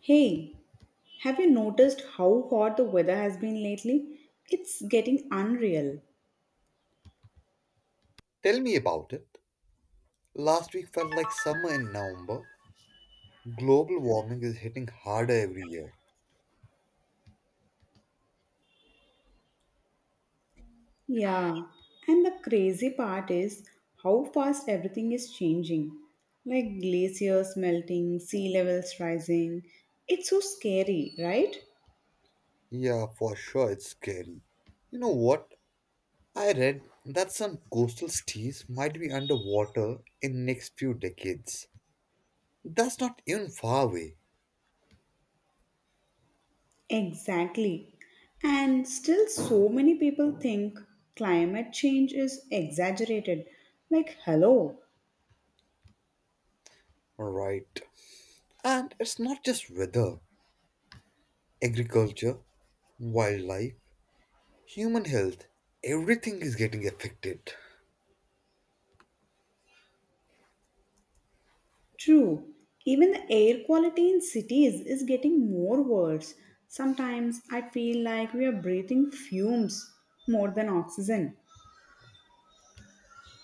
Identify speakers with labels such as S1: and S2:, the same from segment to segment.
S1: Hey, have you noticed how hot the weather has been lately? It's getting unreal.
S2: Tell me about it. Last week felt like summer in November. Global warming is hitting harder every year.
S1: Yeah, and the crazy part is how fast everything is changing. Like glaciers melting, sea levels rising. It's so scary, right?
S2: Yeah, for sure, it's scary. You know what? I read that some coastal cities might be underwater in next few decades. That's not even far away,
S1: Exactly. And still, so many people think climate change is exaggerated. Like, hello,
S2: right? And it's not just weather. Agriculture, wildlife, human health, everything is getting affected.
S1: True, even the air quality in cities is getting more worse. Sometimes I feel like we are breathing fumes more than oxygen.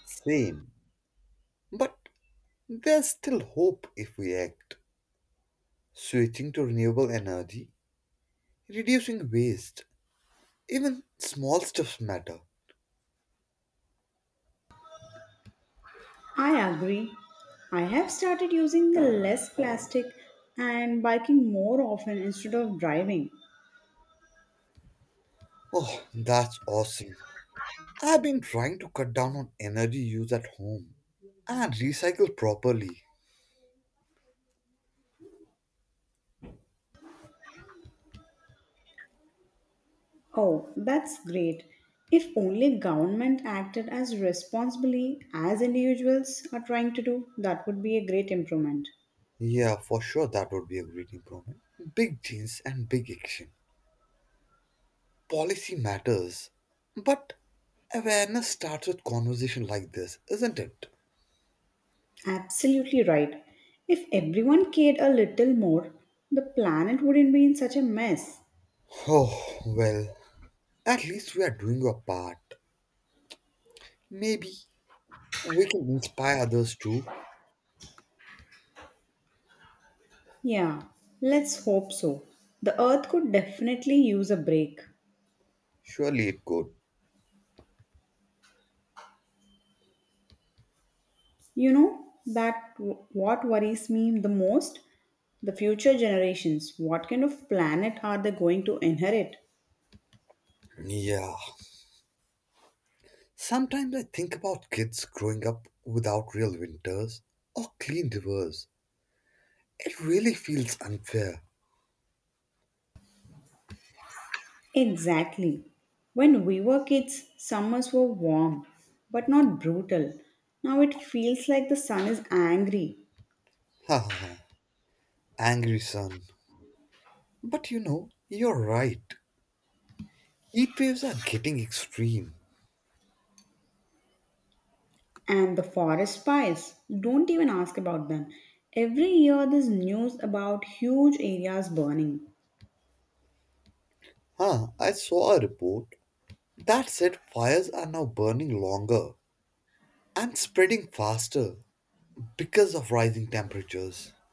S2: Same. But there's still hope if we act. Switching to renewable energy, reducing waste. Even small stuff matter.
S1: I agree. I have started using the less plastic and biking more often instead of driving.
S2: Oh, that's awesome. I've been trying to cut down on energy use at home and recycle properly.
S1: Oh, that's great. If only government acted as responsibly as individuals are trying to do, that would be a great improvement.
S2: Yeah, for sure that would be a great improvement. Big change and big action. Policy matters. But awareness starts with conversation like this, isn't it?
S1: Absolutely right. If everyone cared a little more, the planet wouldn't be in such a mess.
S2: Oh, well, at least we are doing our part. Maybe we can inspire others too.
S1: Yeah, let's hope so. The earth could definitely use a break.
S2: Surely it could.
S1: You know, what worries me the most? The future generations. What kind of planet are they going to inherit?
S2: Yeah. Sometimes I think about kids growing up without real winters or clean rivers. It really feels unfair.
S1: Exactly. When we were kids, summers were warm, but not brutal. Now it feels like the sun is angry.
S2: Haha, angry son. But you know, you're right. Heat waves are getting extreme.
S1: And the forest fires, don't even ask about them. Every year there's news about huge areas burning.
S2: Huh, I saw a report that said fires are now burning longer and spreading faster because of rising temperatures.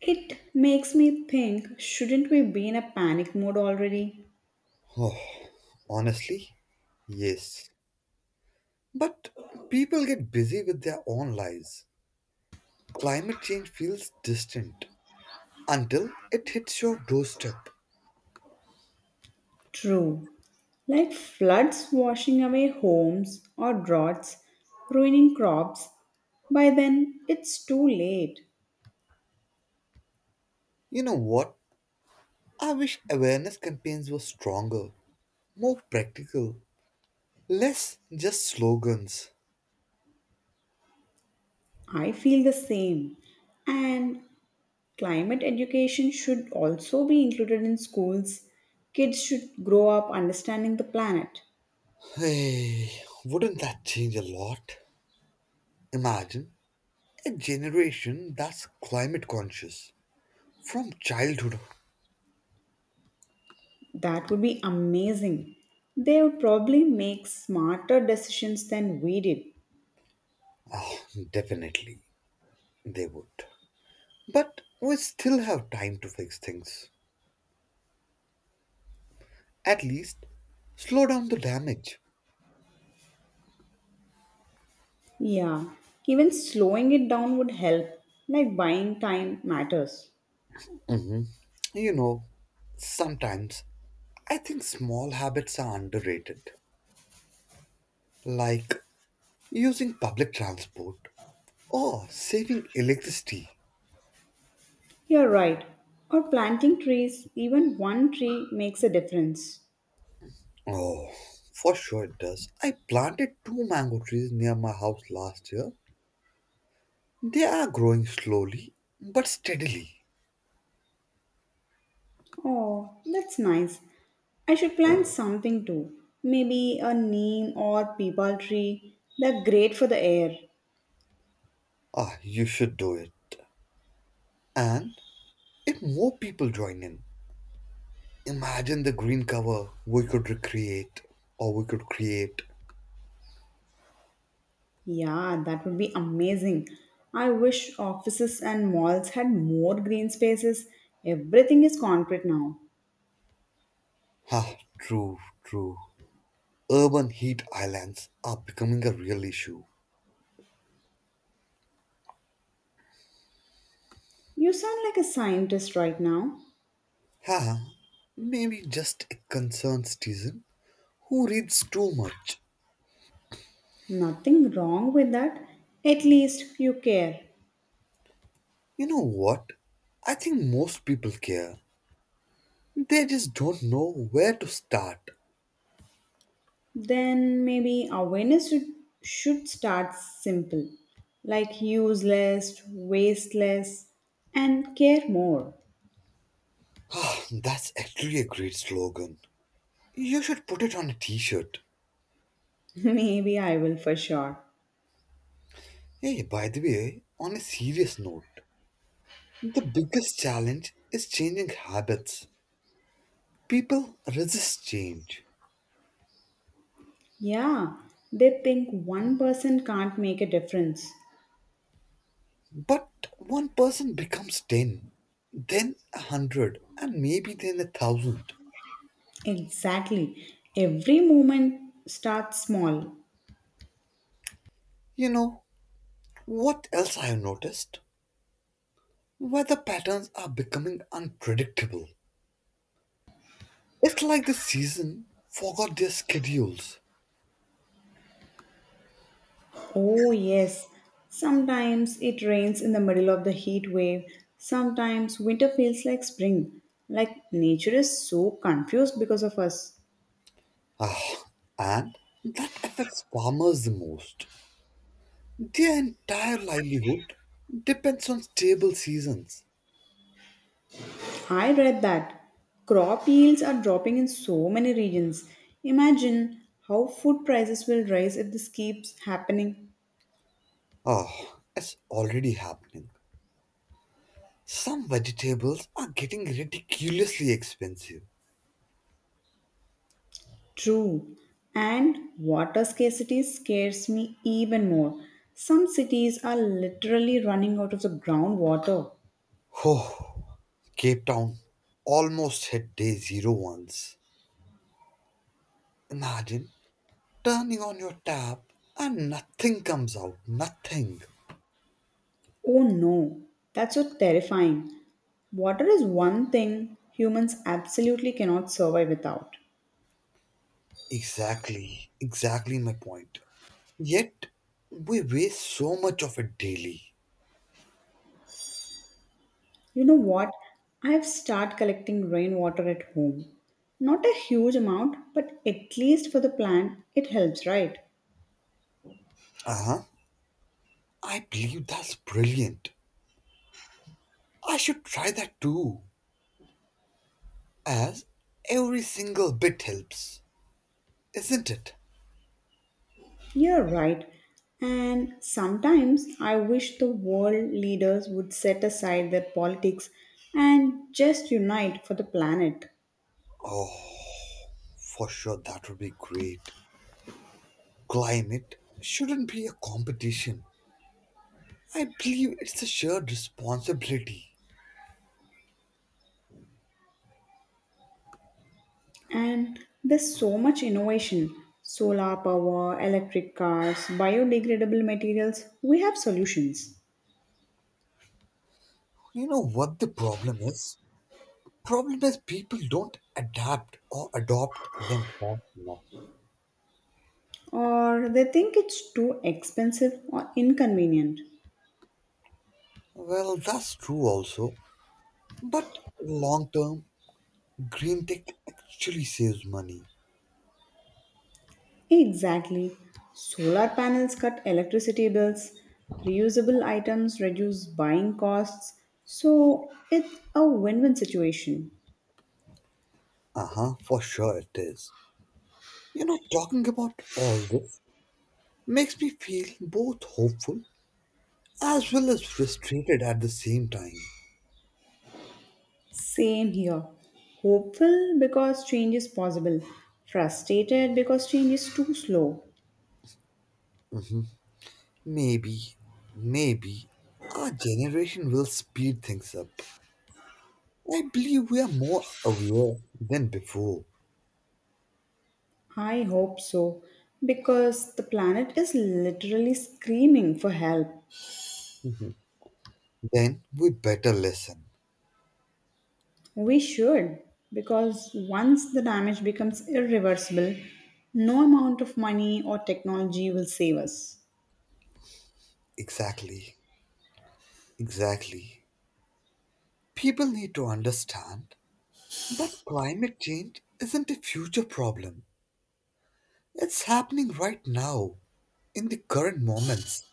S1: It makes me think, shouldn't we be in a panic mode already?
S2: Oh, honestly, yes. But people get busy with their own lives. Climate change feels distant until it hits your doorstep.
S1: True. Like floods washing away homes or droughts ruining crops, by then it's too late.
S2: You know what? I wish awareness campaigns were stronger, more practical, less just slogans.
S1: I feel the same. And climate education should also be included in schools. Kids should grow up understanding the planet.
S2: Hey, wouldn't that change a lot? Imagine a generation that's climate conscious from childhood.
S1: That would be amazing. They would probably make smarter decisions than we did.
S2: Oh, definitely they would. But we still have time to fix things. At least slow down the damage.
S1: Yeah, even slowing it down would help, like buying time matters.
S2: Mhm. You know, sometimes I think small habits are underrated, like using public transport or saving electricity.
S1: You're right. Or planting trees, even one tree makes a difference.
S2: Oh, for sure it does. I planted two mango trees near my house last year. They are growing slowly but steadily.
S1: Oh, that's nice. I should plant something too. Maybe a neem or peepal tree. They're great for the air.
S2: Ah, you should do it. And if more people join in, imagine the green cover we could recreate or we could create.
S1: Yeah, that would be amazing. I wish offices and malls had more green spaces. Everything is concrete now.
S2: Ha, true, true. Urban heat islands are becoming a real issue.
S1: You sound like a scientist right now.
S2: Ha, maybe just a concerned citizen who reads too much.
S1: Nothing wrong with that. At least you care.
S2: You know what? I think most people care. They just don't know where to start.
S1: Then maybe awareness should start simple, like use less, waste less, and care more.
S2: Ah, that's actually a great slogan. You should put it on a t shirt.
S1: Maybe I will, for sure.
S2: Hey, by the way, on a serious note, the biggest challenge is changing habits. People resist change.
S1: Yeah, they think one person can't make a difference.
S2: But one person becomes 10, then a 100, and maybe then a 1000.
S1: Exactly. Every moment starts small.
S2: You know, what else I have noticed? Weather patterns are becoming unpredictable. It's like the season forgot their schedules.
S1: Oh, yes. Sometimes it rains in the middle of the heat wave. Sometimes winter feels like spring. Like nature is so confused because of us.
S2: Ah, and that affects farmers the most. Their entire livelihood depends on stable seasons.
S1: I read that crop yields are dropping in so many regions. Imagine how food prices will rise if this keeps happening.
S2: Oh, it's already happening. Some vegetables are getting ridiculously expensive.
S1: True. And water scarcity scares me even more. Some cities are literally running out of the groundwater.
S2: Oh, Cape Town almost hit day zero once. Imagine turning on your tap and nothing comes out. Nothing.
S1: Oh no, that's so terrifying. Water is one thing humans absolutely cannot survive without.
S2: Exactly, exactly my point. Yet, we waste so much of it daily.
S1: You know what? I've started collecting rainwater at home. Not a huge amount, but at least for the plant, it helps, right?
S2: Uh huh. I believe that's brilliant. I should try that too, as every single bit helps. Isn't it?
S1: You're right. And sometimes I wish the world leaders would set aside their politics and just unite for the planet.
S2: Oh, for sure, that would be great. Climate shouldn't be a competition. I believe it's a shared responsibility.
S1: And there's so much innovation: solar power, electric cars, biodegradable materials. We have solutions.
S2: You know what the problem is? Problem is people don't adapt or adopt them fast enough.
S1: Or they think it's too expensive or inconvenient.
S2: Well, that's true also. But long term, green tech actually saves money.
S1: Exactly. Solar panels cut electricity bills, reusable items reduce buying costs, so it's a win win situation.
S2: Uh huh, for sure it is. You know, talking about all this makes me feel both hopeful as well as frustrated at the same time.
S1: Same here. Hopeful because change is possible, frustrated because change is too slow.
S2: Mhm. Maybe, maybe our generation will speed things up. I believe we are more aware than before.
S1: I hope so, because the planet is literally screaming for help.
S2: Mhm. Then we better listen.
S1: We should, because once the damage becomes irreversible, no amount of money or technology will save us.
S2: Exactly, exactly. People need to understand that climate change isn't a future problem. It's happening right now, in the current moments.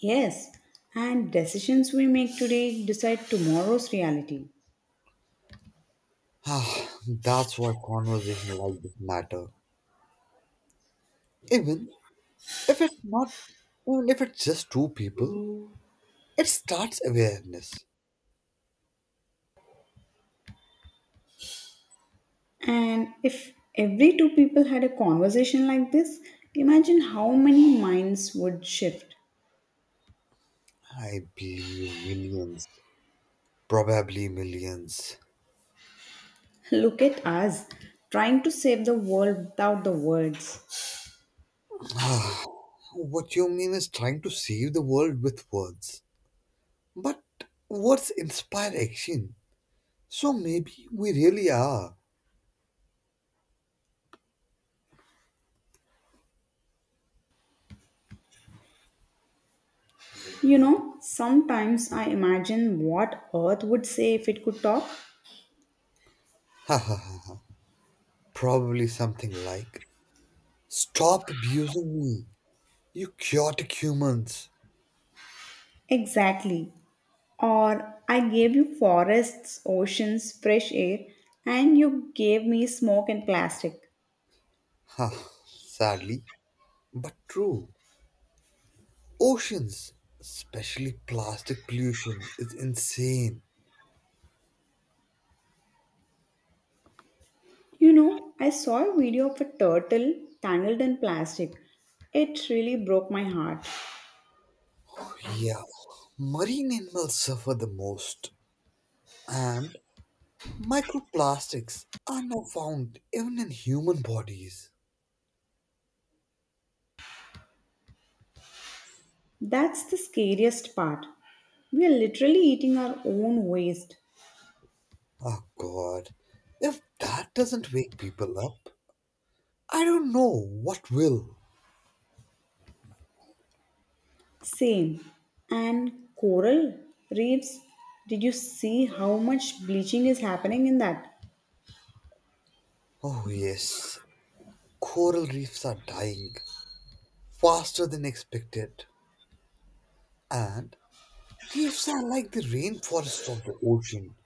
S1: Yes, and decisions we make today decide tomorrow's reality.
S2: Ah, that's why conversation like this matter. Even If it's not, Even if it's just two people, it starts awareness.
S1: And if every two people had a conversation like this, imagine how many minds would shift.
S2: I believe millions, probably millions.
S1: Look at us, trying to save the world without the words.
S2: Ah, what you mean is trying to save the world with words. But words inspire action. So maybe we really are.
S1: You know, sometimes I imagine what Earth would say if it could talk.
S2: Ha ha ha, ha. Probably something like stop abusing me, you chaotic humans.
S1: Exactly. Or, I gave you forests, oceans, fresh air, and you gave me smoke and plastic.
S2: Ha, sadly, but true. Oceans, especially plastic pollution, is insane.
S1: You know, I saw a video of a turtle tangled in plastic. It really broke my heart.
S2: Yeah, marine animals suffer the most, and microplastics are now found even in human bodies.
S1: That's the scariest part. We are literally eating our own waste.
S2: Oh god, if that doesn't wake people up, I don't know what will.
S1: Same. And coral reefs, did you see how much bleaching is happening in that?
S2: Oh yes, coral reefs are dying faster than expected, and reefs are like the rainforest of the ocean.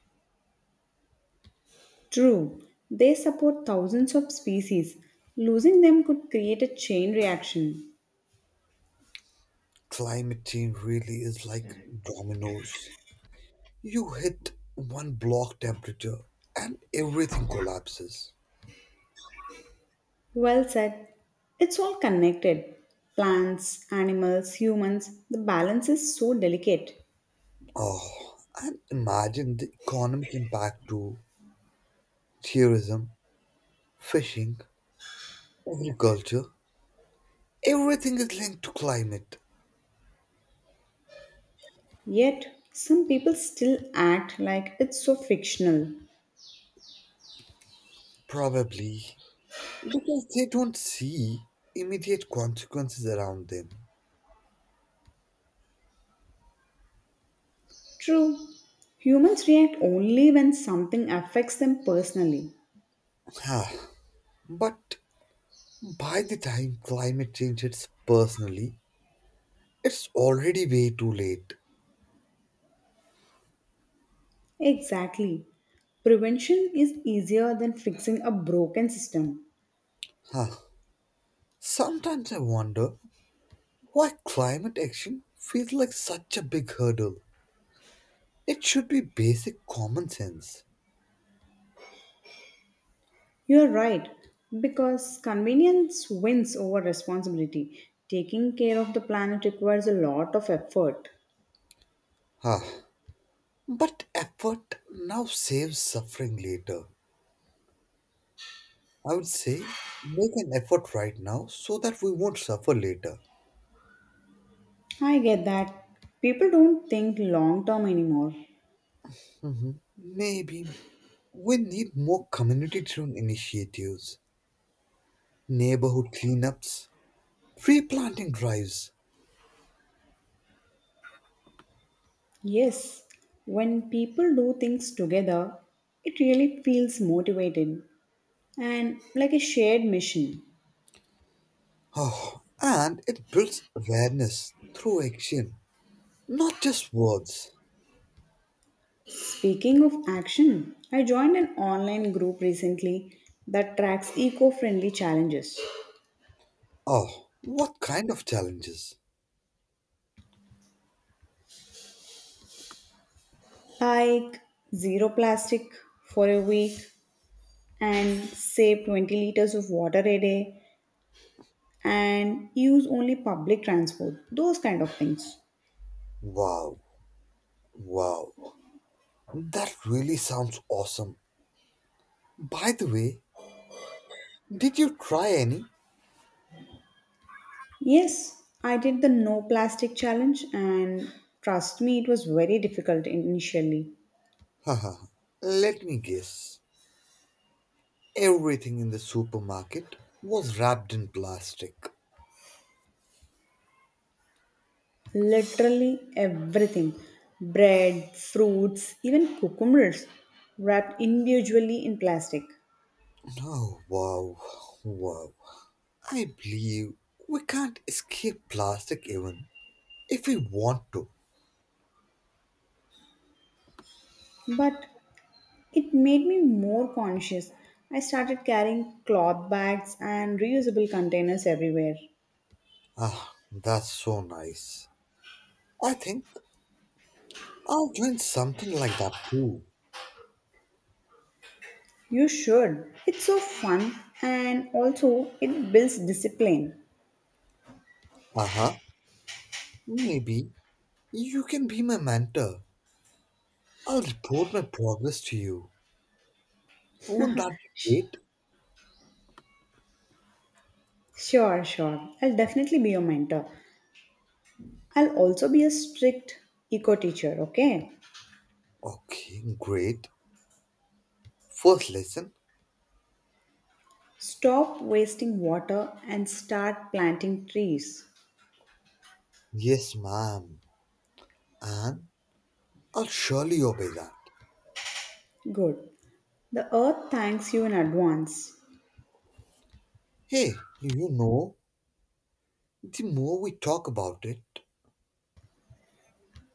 S1: True, they support thousands of species. Losing them could create a chain reaction.
S2: Climate change really is like dominoes. You hit one block temperature and everything collapses.
S1: Well said. It's all connected. Plants, animals, humans, the balance is so delicate.
S2: Oh, and imagine the economic impact to tourism, fishing, agriculture. Everything is linked to climate,
S1: Yet, some people still act like it's so fictional.
S2: probably because they don't see immediate consequences around them.
S1: True, humans react only when something affects them personally.
S2: Ah, but by the time climate change hits personally, it's already way too late.
S1: Exactly. Prevention is easier than fixing a broken system.
S2: Huh. Sometimes I wonder why climate action feels like such a big hurdle. It should be basic common sense.
S1: You're right, because convenience wins over responsibility. Taking care of the planet requires a lot of effort.
S2: Ah, but effort now saves suffering later. I would say make an effort right now so that we won't suffer later.
S1: I get that. People don't think long term anymore.
S2: Mhm. Maybe we need more community driven initiatives, neighborhood cleanups, tree planting drives.
S1: Yes, when people do things together, it really feels motivated and like a shared mission.
S2: Oh, and it builds awareness through action, not just words.
S1: Speaking of action, I joined an online group recently that tracks eco friendly challenges,
S2: Oh, what kind of challenges?
S1: like zero plastic for a week and save 20 liters of water a day and use only public transport, those kind of things.
S2: Wow, wow. That really sounds awesome. By the way, did you try any?
S1: Yes, I did the no plastic challenge, and trust me, it was very difficult initially.
S2: Haha, let me guess. Everything in the supermarket was wrapped in plastic.
S1: Literally everything, bread, fruits, even cucumbers wrapped individually in plastic.
S2: Oh, wow, wow. I believe we can't escape plastic even if we want to.
S1: But it made me more conscious. I started carrying cloth bags and reusable containers everywhere.
S2: Ah, that's so nice. I think I'll join something like that too.
S1: You should. It's so fun and also it builds discipline.
S2: Uh huh. Maybe you can be my mentor. I'll report my progress to you. Won't that be great?
S1: Sure, sure. I'll definitely be your mentor. I'll also be a strict eco teacher, okay?
S2: Okay, great. First lesson?
S1: Stop wasting water and start planting trees.
S2: Yes, ma'am. And I'll surely obey that.
S1: Good. The earth thanks you in advance.
S2: Hey, you know, the more we talk about it,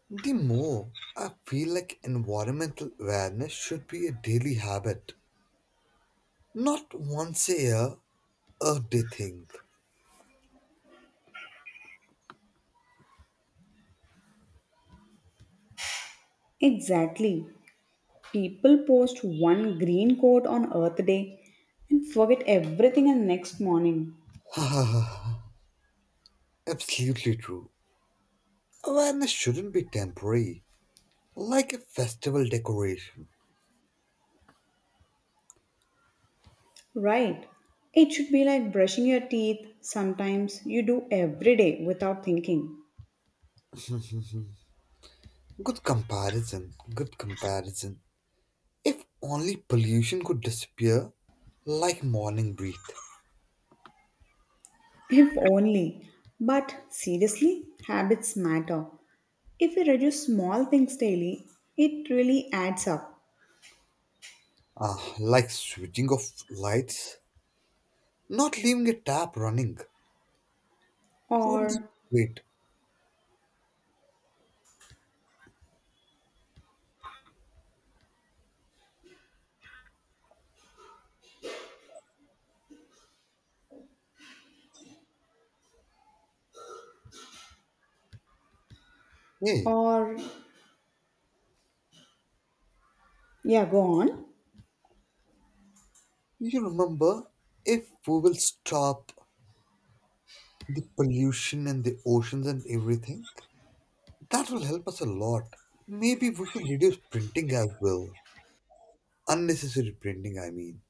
S2: the more I feel like environmental awareness should be a daily habit, not once a year, a day thing.
S1: Exactly. People post one green coat on Earth Day and forget everything on next morning.
S2: Ah, absolutely true. Awareness shouldn't be temporary, like a festival decoration.
S1: Right. It should be like brushing your teeth, sometimes you do every day without thinking.
S2: Good comparison, good comparison. If only pollution could disappear like morning breath,
S1: If only. But seriously, habits matter. If we reduce small things daily, it really adds up.
S2: ah, like switching off lights, not leaving a tap running. Wouldn't it
S1: Or,
S2: be great? Hey,
S1: or, yeah, go on.
S2: you remember if we will stop the pollution and the oceans and everything, that will help us a lot. Maybe we should reduce printing as well. Unnecessary printing, I mean.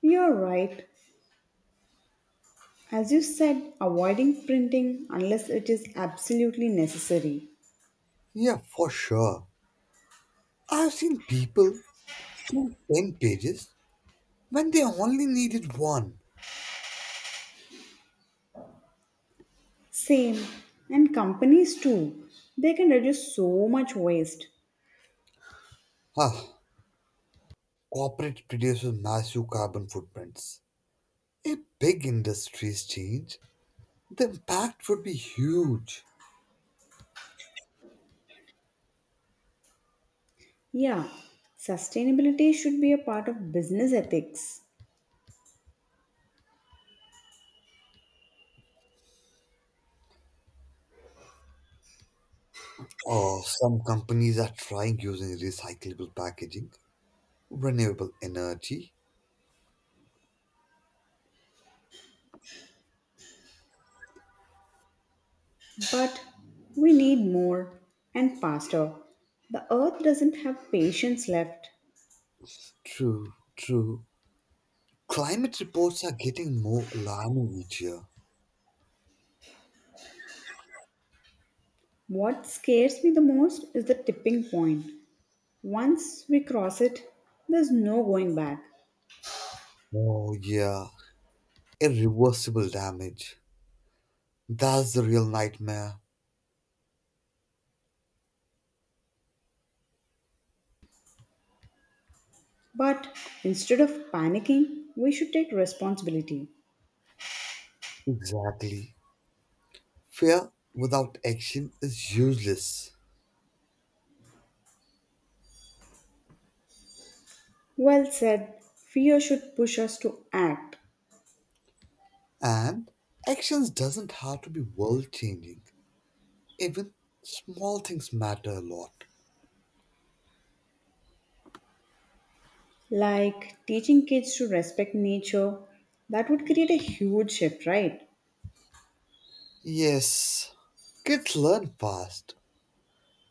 S1: You're right. As you said, avoiding printing unless it is absolutely necessary.
S2: Yeah, for sure. I've seen people print 10 pages when they only needed one.
S1: Same. And companies too. They can reduce so much waste.
S2: Ah, corporate produces massive carbon footprints. If big industries change, the impact would be huge.
S1: Yeah, sustainability should be a part of business ethics,
S2: Oh, some companies are trying using recyclable packaging, renewable energy.
S1: but we need more and faster. The earth doesn't have patience left.
S2: True, true. Climate reports are getting more alarming each year.
S1: What scares me the most is the tipping point. Once we cross it, there's no going back.
S2: Oh, yeah, irreversible damage. That's the real nightmare.
S1: But instead of panicking, we should take responsibility.
S2: Exactly. Fear without action is useless.
S1: Well said, fear should push us to act,
S2: And actions doesn't have to be world changing. Even small things matter a lot.
S1: like teaching kids to respect nature. That would create a huge shift, right?
S2: Yes, kids learn fast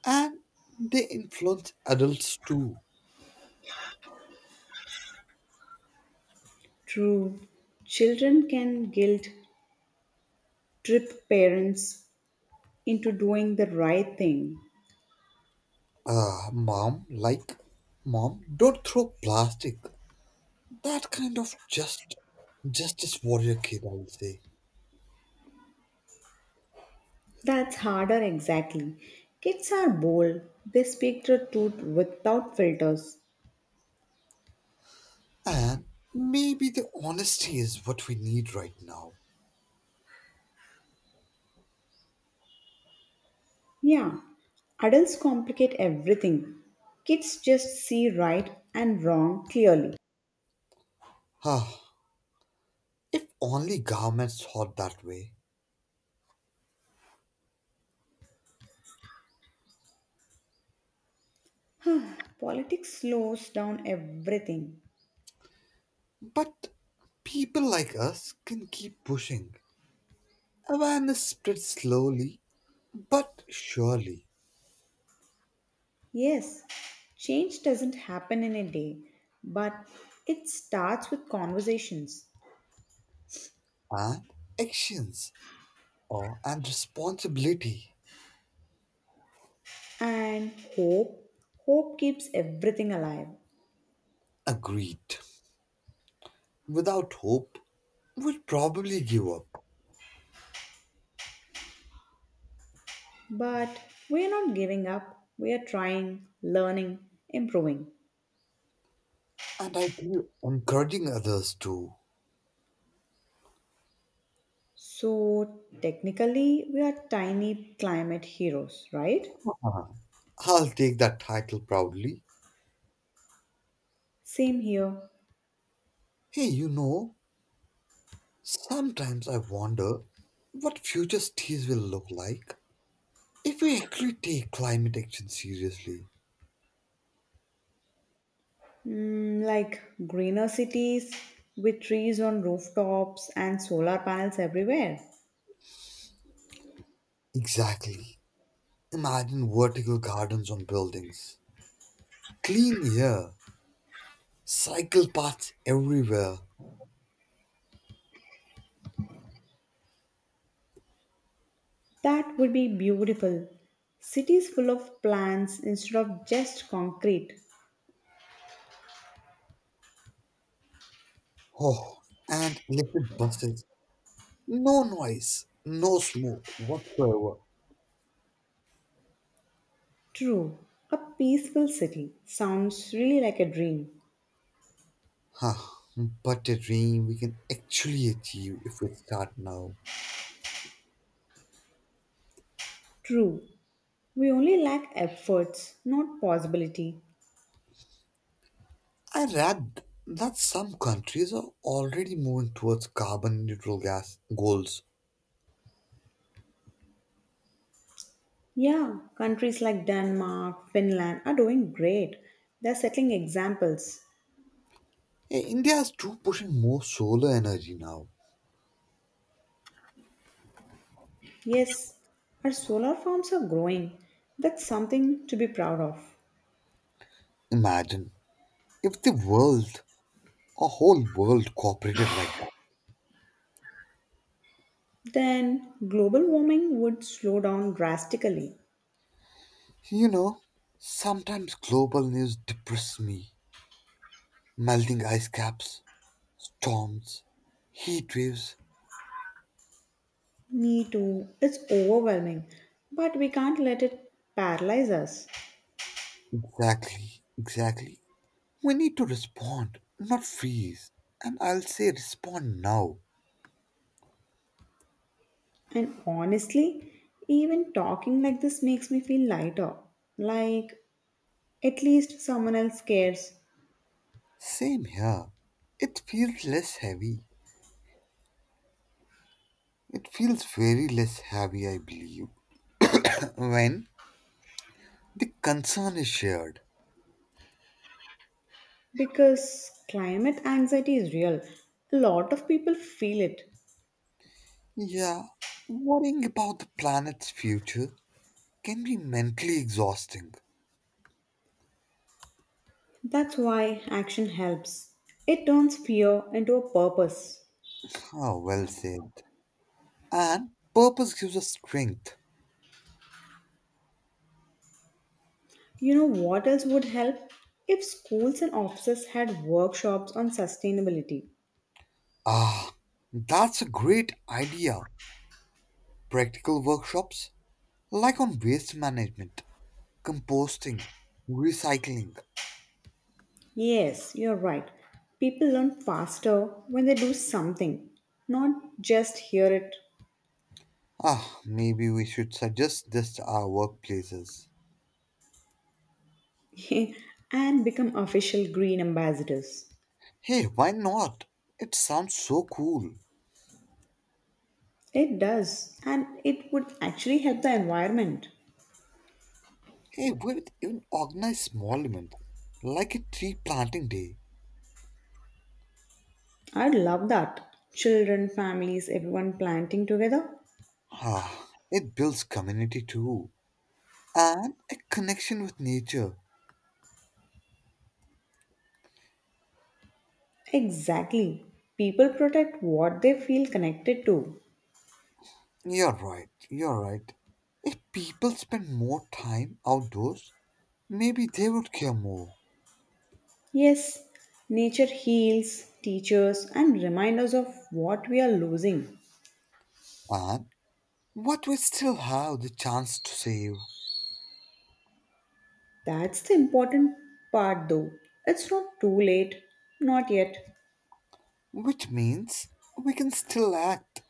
S2: and they influence adults too.
S1: True. Children can guilt trip parents into doing the right thing.
S2: Mom, like mom, don't throw plastic. That kind of just justice warrior kid, I will say.
S1: That's harder, exactly. Kids are bold, they speak the truth without filters.
S2: And maybe the honesty is what we need right now.
S1: Yeah, adults complicate everything. Kids just see right and wrong clearly.
S2: Huh. If only governments thought that way.
S1: Politics slows down everything.
S2: But people like us can keep pushing. Awareness spreads slowly but surely,
S1: Yes, change doesn't happen in a day, but it starts with conversations.
S2: and actions or and responsibility
S1: And hope. Hope keeps everything alive.
S2: agreed. Without hope, we'd probably give up.
S1: But we are not giving up, we are trying, learning, improving.
S2: And I feel encouraging others to.
S1: So, technically, we are tiny climate heroes, right?
S2: I'll take that title proudly.
S1: Same here.
S2: Hey, you know, sometimes I wonder what future cities will look like if we actually take climate action seriously.
S1: Mm, like greener cities with trees on rooftops and solar panels everywhere.
S2: Exactly. Imagine vertical gardens on buildings, clean air, cycle paths everywhere.
S1: That would be beautiful. Cities full of plants instead of just concrete.
S2: Oh, and electric buses. No noise, no smoke whatsoever.
S1: True, a peaceful city sounds really like a dream.
S2: Huh. But a dream we can actually achieve if we start now.
S1: True, we only lack efforts, not possibility.
S2: I read that some countries are already moving towards carbon neutral gas goals.
S1: Yeah, countries like Denmark, Finland are doing great. They're setting examples.
S2: Hey, India is too pushing more solar energy now.
S1: Yes, our solar farms are growing. That's something to be proud of.
S2: Imagine if the world, a whole world cooperated like that.
S1: Then global warming would slow down drastically.
S2: You know, sometimes global news depresses me. Melting ice caps, storms, heat waves.
S1: Me too. It's overwhelming, but we can't let it paralyze us.
S2: Exactly, exactly. We need to respond, not freeze. And I'll say respond now.
S1: And honestly, even talking like this makes me feel lighter. Like, at least someone else cares.
S2: Same here. It feels less heavy. It feels very less heavy, I believe, when the concern is shared.
S1: Because climate anxiety is real. A lot of people feel it.
S2: Yeah, worrying about the planet's future can be mentally exhausting.
S1: That's why action helps. It turns fear into a purpose.
S2: Ah, well said. And purpose gives us strength.
S1: You know what else would help? If schools and offices had workshops on sustainability.
S2: Ah, that's a great idea. Practical workshops like on waste management, composting, recycling.
S1: Yes, you're right. People learn faster when they do something, not just hear it.
S2: Ah, maybe we should suggest this to our workplaces.
S1: And become official green ambassadors.
S2: Hey, why not? It sounds so cool.
S1: It does, and it would actually help the environment.
S2: Hey, we could even organize small events like a tree planting day.
S1: I love that. Children, families, everyone planting together.
S2: Ah, it builds community too and a connection with nature.
S1: Exactly. People protect what they feel connected to.
S2: You're right, you're right. If people spend more time outdoors, maybe they would care more.
S1: Yes, nature heals, teaches, and reminds us of what we are losing.
S2: And what we still have the chance to save,
S1: That's the important part, though. It's not too late. Not yet.
S2: which means we can still act,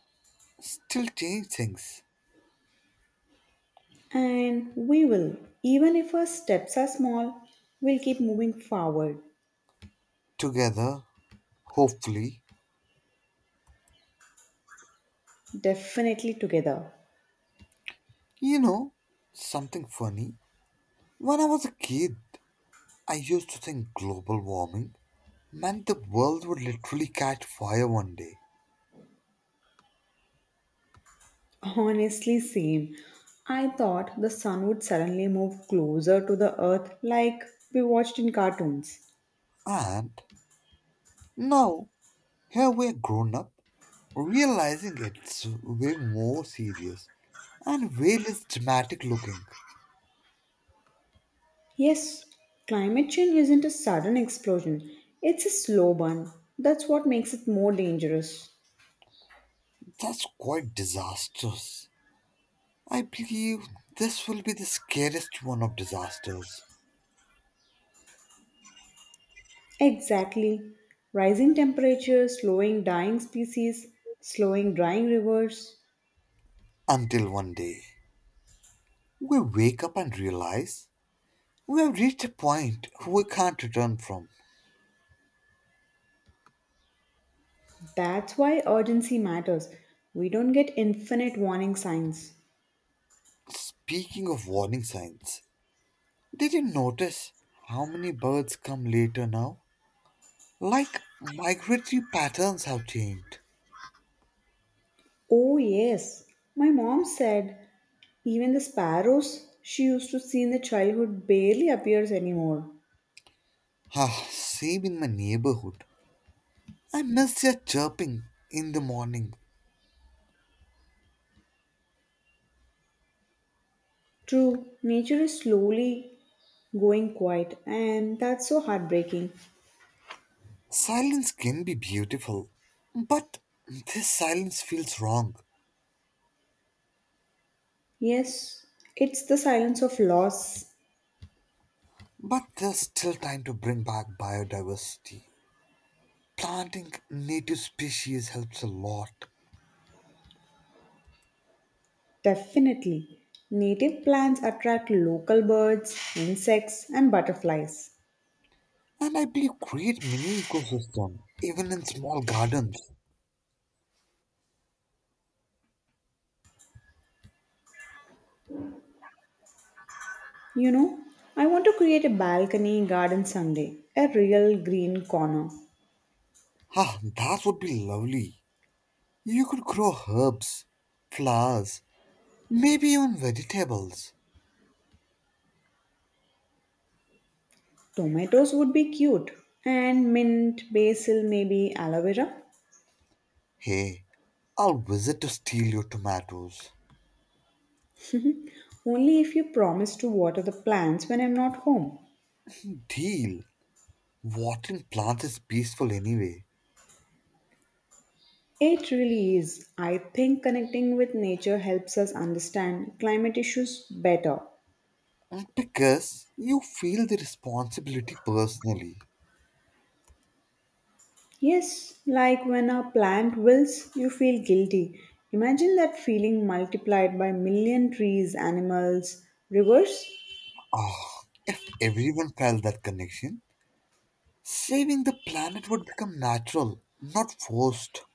S2: still change things.
S1: And we will, even if our steps are small, we'll keep moving forward,
S2: Together, hopefully.
S1: definitely together.
S2: You know, something funny. When I was a kid, I used to think global warming meant the world would literally catch fire one day.
S1: Honestly, same. I thought the sun would suddenly move closer to the earth, like we watched in cartoons.
S2: And now, here we're grown up realizing it's way more serious and way less dramatic looking.
S1: Yes, climate change isn't a sudden explosion, it's a slow burn. That's what makes it more dangerous.
S2: That's quite disastrous. I believe this will be the scariest one of disasters.
S1: Exactly. Rising temperatures, slowing dying species, slowing drying rivers.
S2: Until one day, we wake up and realize we have reached a point we can't return from.
S1: That's why urgency matters. We don't get infinite warning signs.
S2: Speaking of warning signs, did you notice how many birds come later now? Like migratory patterns have changed.
S1: Oh, yes. My mom said even the sparrows she used to see in the childhood barely appears anymore.
S2: Ah, same in my neighborhood. I miss their chirping in the morning.
S1: True, nature is slowly going quiet, and that's so heartbreaking.
S2: Silence can be beautiful, but this silence feels wrong.
S1: Yes, it's the silence of loss,
S2: But there's still time to bring back biodiversity. Planting native species helps a lot.
S1: definitely. Native plants attract local birds, insects, and butterflies.
S2: And I believe create mini ecosystem, even in small gardens.
S1: You know, I want to create a balcony garden someday, a real green corner.
S2: Ah, that would be lovely. You could grow herbs, flowers, maybe even vegetables.
S1: Tomatoes would be cute, and mint, basil, maybe aloe vera.
S2: Hey, I'll visit to steal your tomatoes.
S1: Only if you promise to water the plants when I'm not home.
S2: Deal. Watering plants is peaceful anyway.
S1: It really is. I think connecting with nature helps us understand climate issues better.
S2: And because you feel the responsibility personally.
S1: Yes, like when a plant wilts, you feel guilty. Imagine that feeling multiplied by million trees, animals, rivers.
S2: Ah, if everyone felt that connection, saving the planet would become natural, not forced.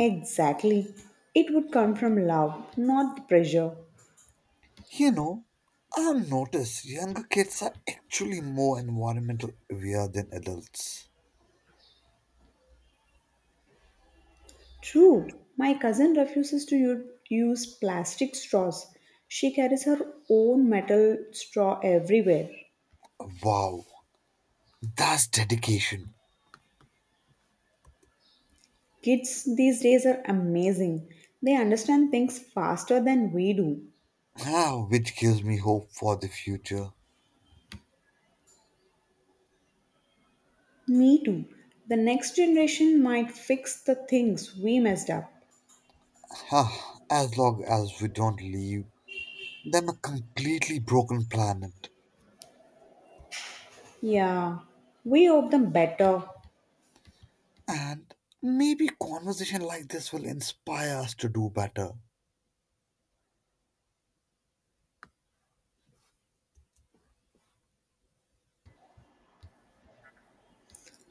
S1: Exactly. It would come from love, not the pressure.
S2: You know, I've noticed younger kids are actually more environmental aware than adults.
S1: True, my cousin refuses to use plastic straws. She carries her own metal straw everywhere.
S2: Wow, that's dedication.
S1: Kids these days are amazing. They understand things faster than we do.
S2: Ah, which gives me hope for the future.
S1: Me too. The next generation might fix the things we messed up.
S2: Ah, as long as we don't leave than a completely broken planet.
S1: Yeah, we hope them better.
S2: And maybe conversation like this will inspire us to do better.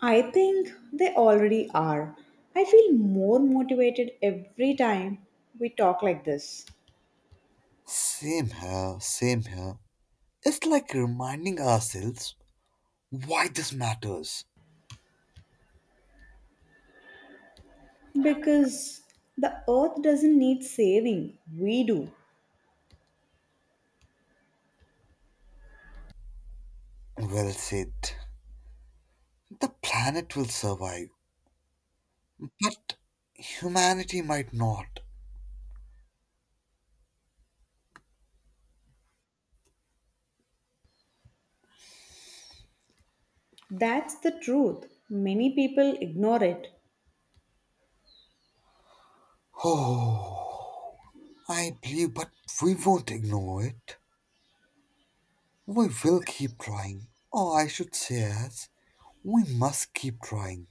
S1: I think they already are. I feel more motivated every time we talk like this,
S2: Same here, same here. It's like reminding ourselves why this matters.
S1: because the earth doesn't need saving, we do.
S2: Well said. The planet will survive, but humanity might not.
S1: That's the truth. Many people ignore it.
S2: Oh, I believe, but we won't ignore it. We will keep trying. Or I should say, as we must keep trying.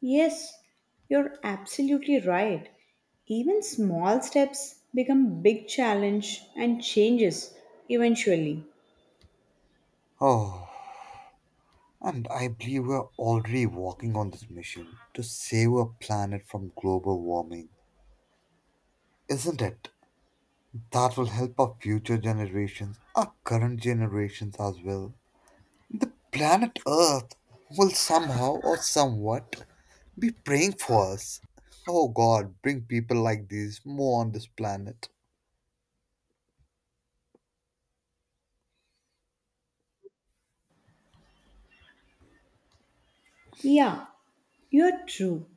S1: Yes, you're absolutely right. Even small steps become big challenge and changes eventually.
S2: Oh, and I believe we're already working on this mission to save our planet from global warming, isn't it? That will help our future generations, our current generations as well. The planet Earth will somehow or somewhat be praying for us. Oh God, bring people like these more on this planet.
S1: Yeah, you're true.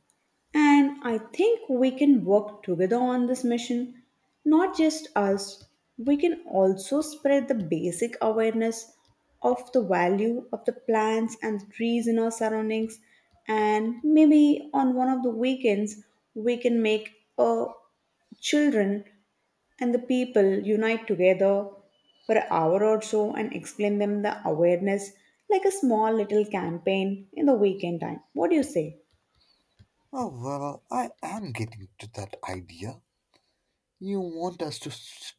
S1: And I think we can work together on this mission. Not just us, we can also spread the basic awareness of the value of the plants and the trees in our surroundings. And maybe on one of the weekends, we can make a children and the people unite together for an hour or so and explain them the awareness, like a small little campaign in the weekend time. What do you say?
S2: Oh well, I am getting to that idea. You want us to s-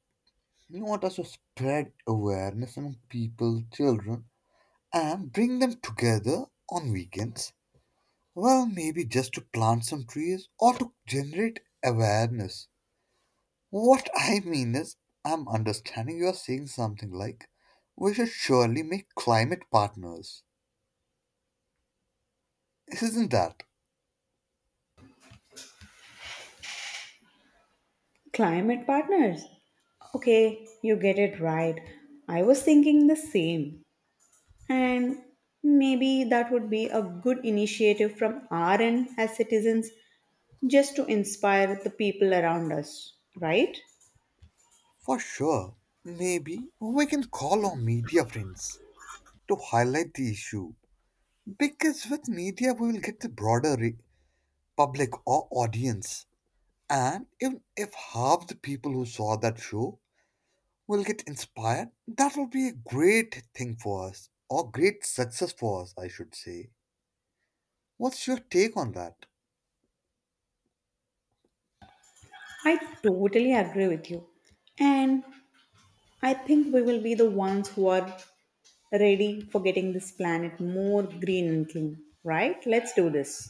S2: you want us to spread awareness among people, children, and bring them together on weekends. Well, maybe just to plant some trees or to generate awareness. What I mean is, I'm understanding you're saying something like, we should surely make climate partners. Isn't that?
S1: Climate partners. Okay, you get it right. I was thinking the same. And maybe that would be a good initiative from our end as citizens, just to inspire the people around us, right?
S2: For sure. Maybe we can call our media friends to highlight the issue. Because with media, we will get the broader public or audience. And even if half the people who saw that show will get inspired, that will be a great thing for us or great success for us, I should say. What's your take on that?
S1: I totally agree with you. And I think we will be the ones who are ready for getting this planet more green and clean, right? Let's do this.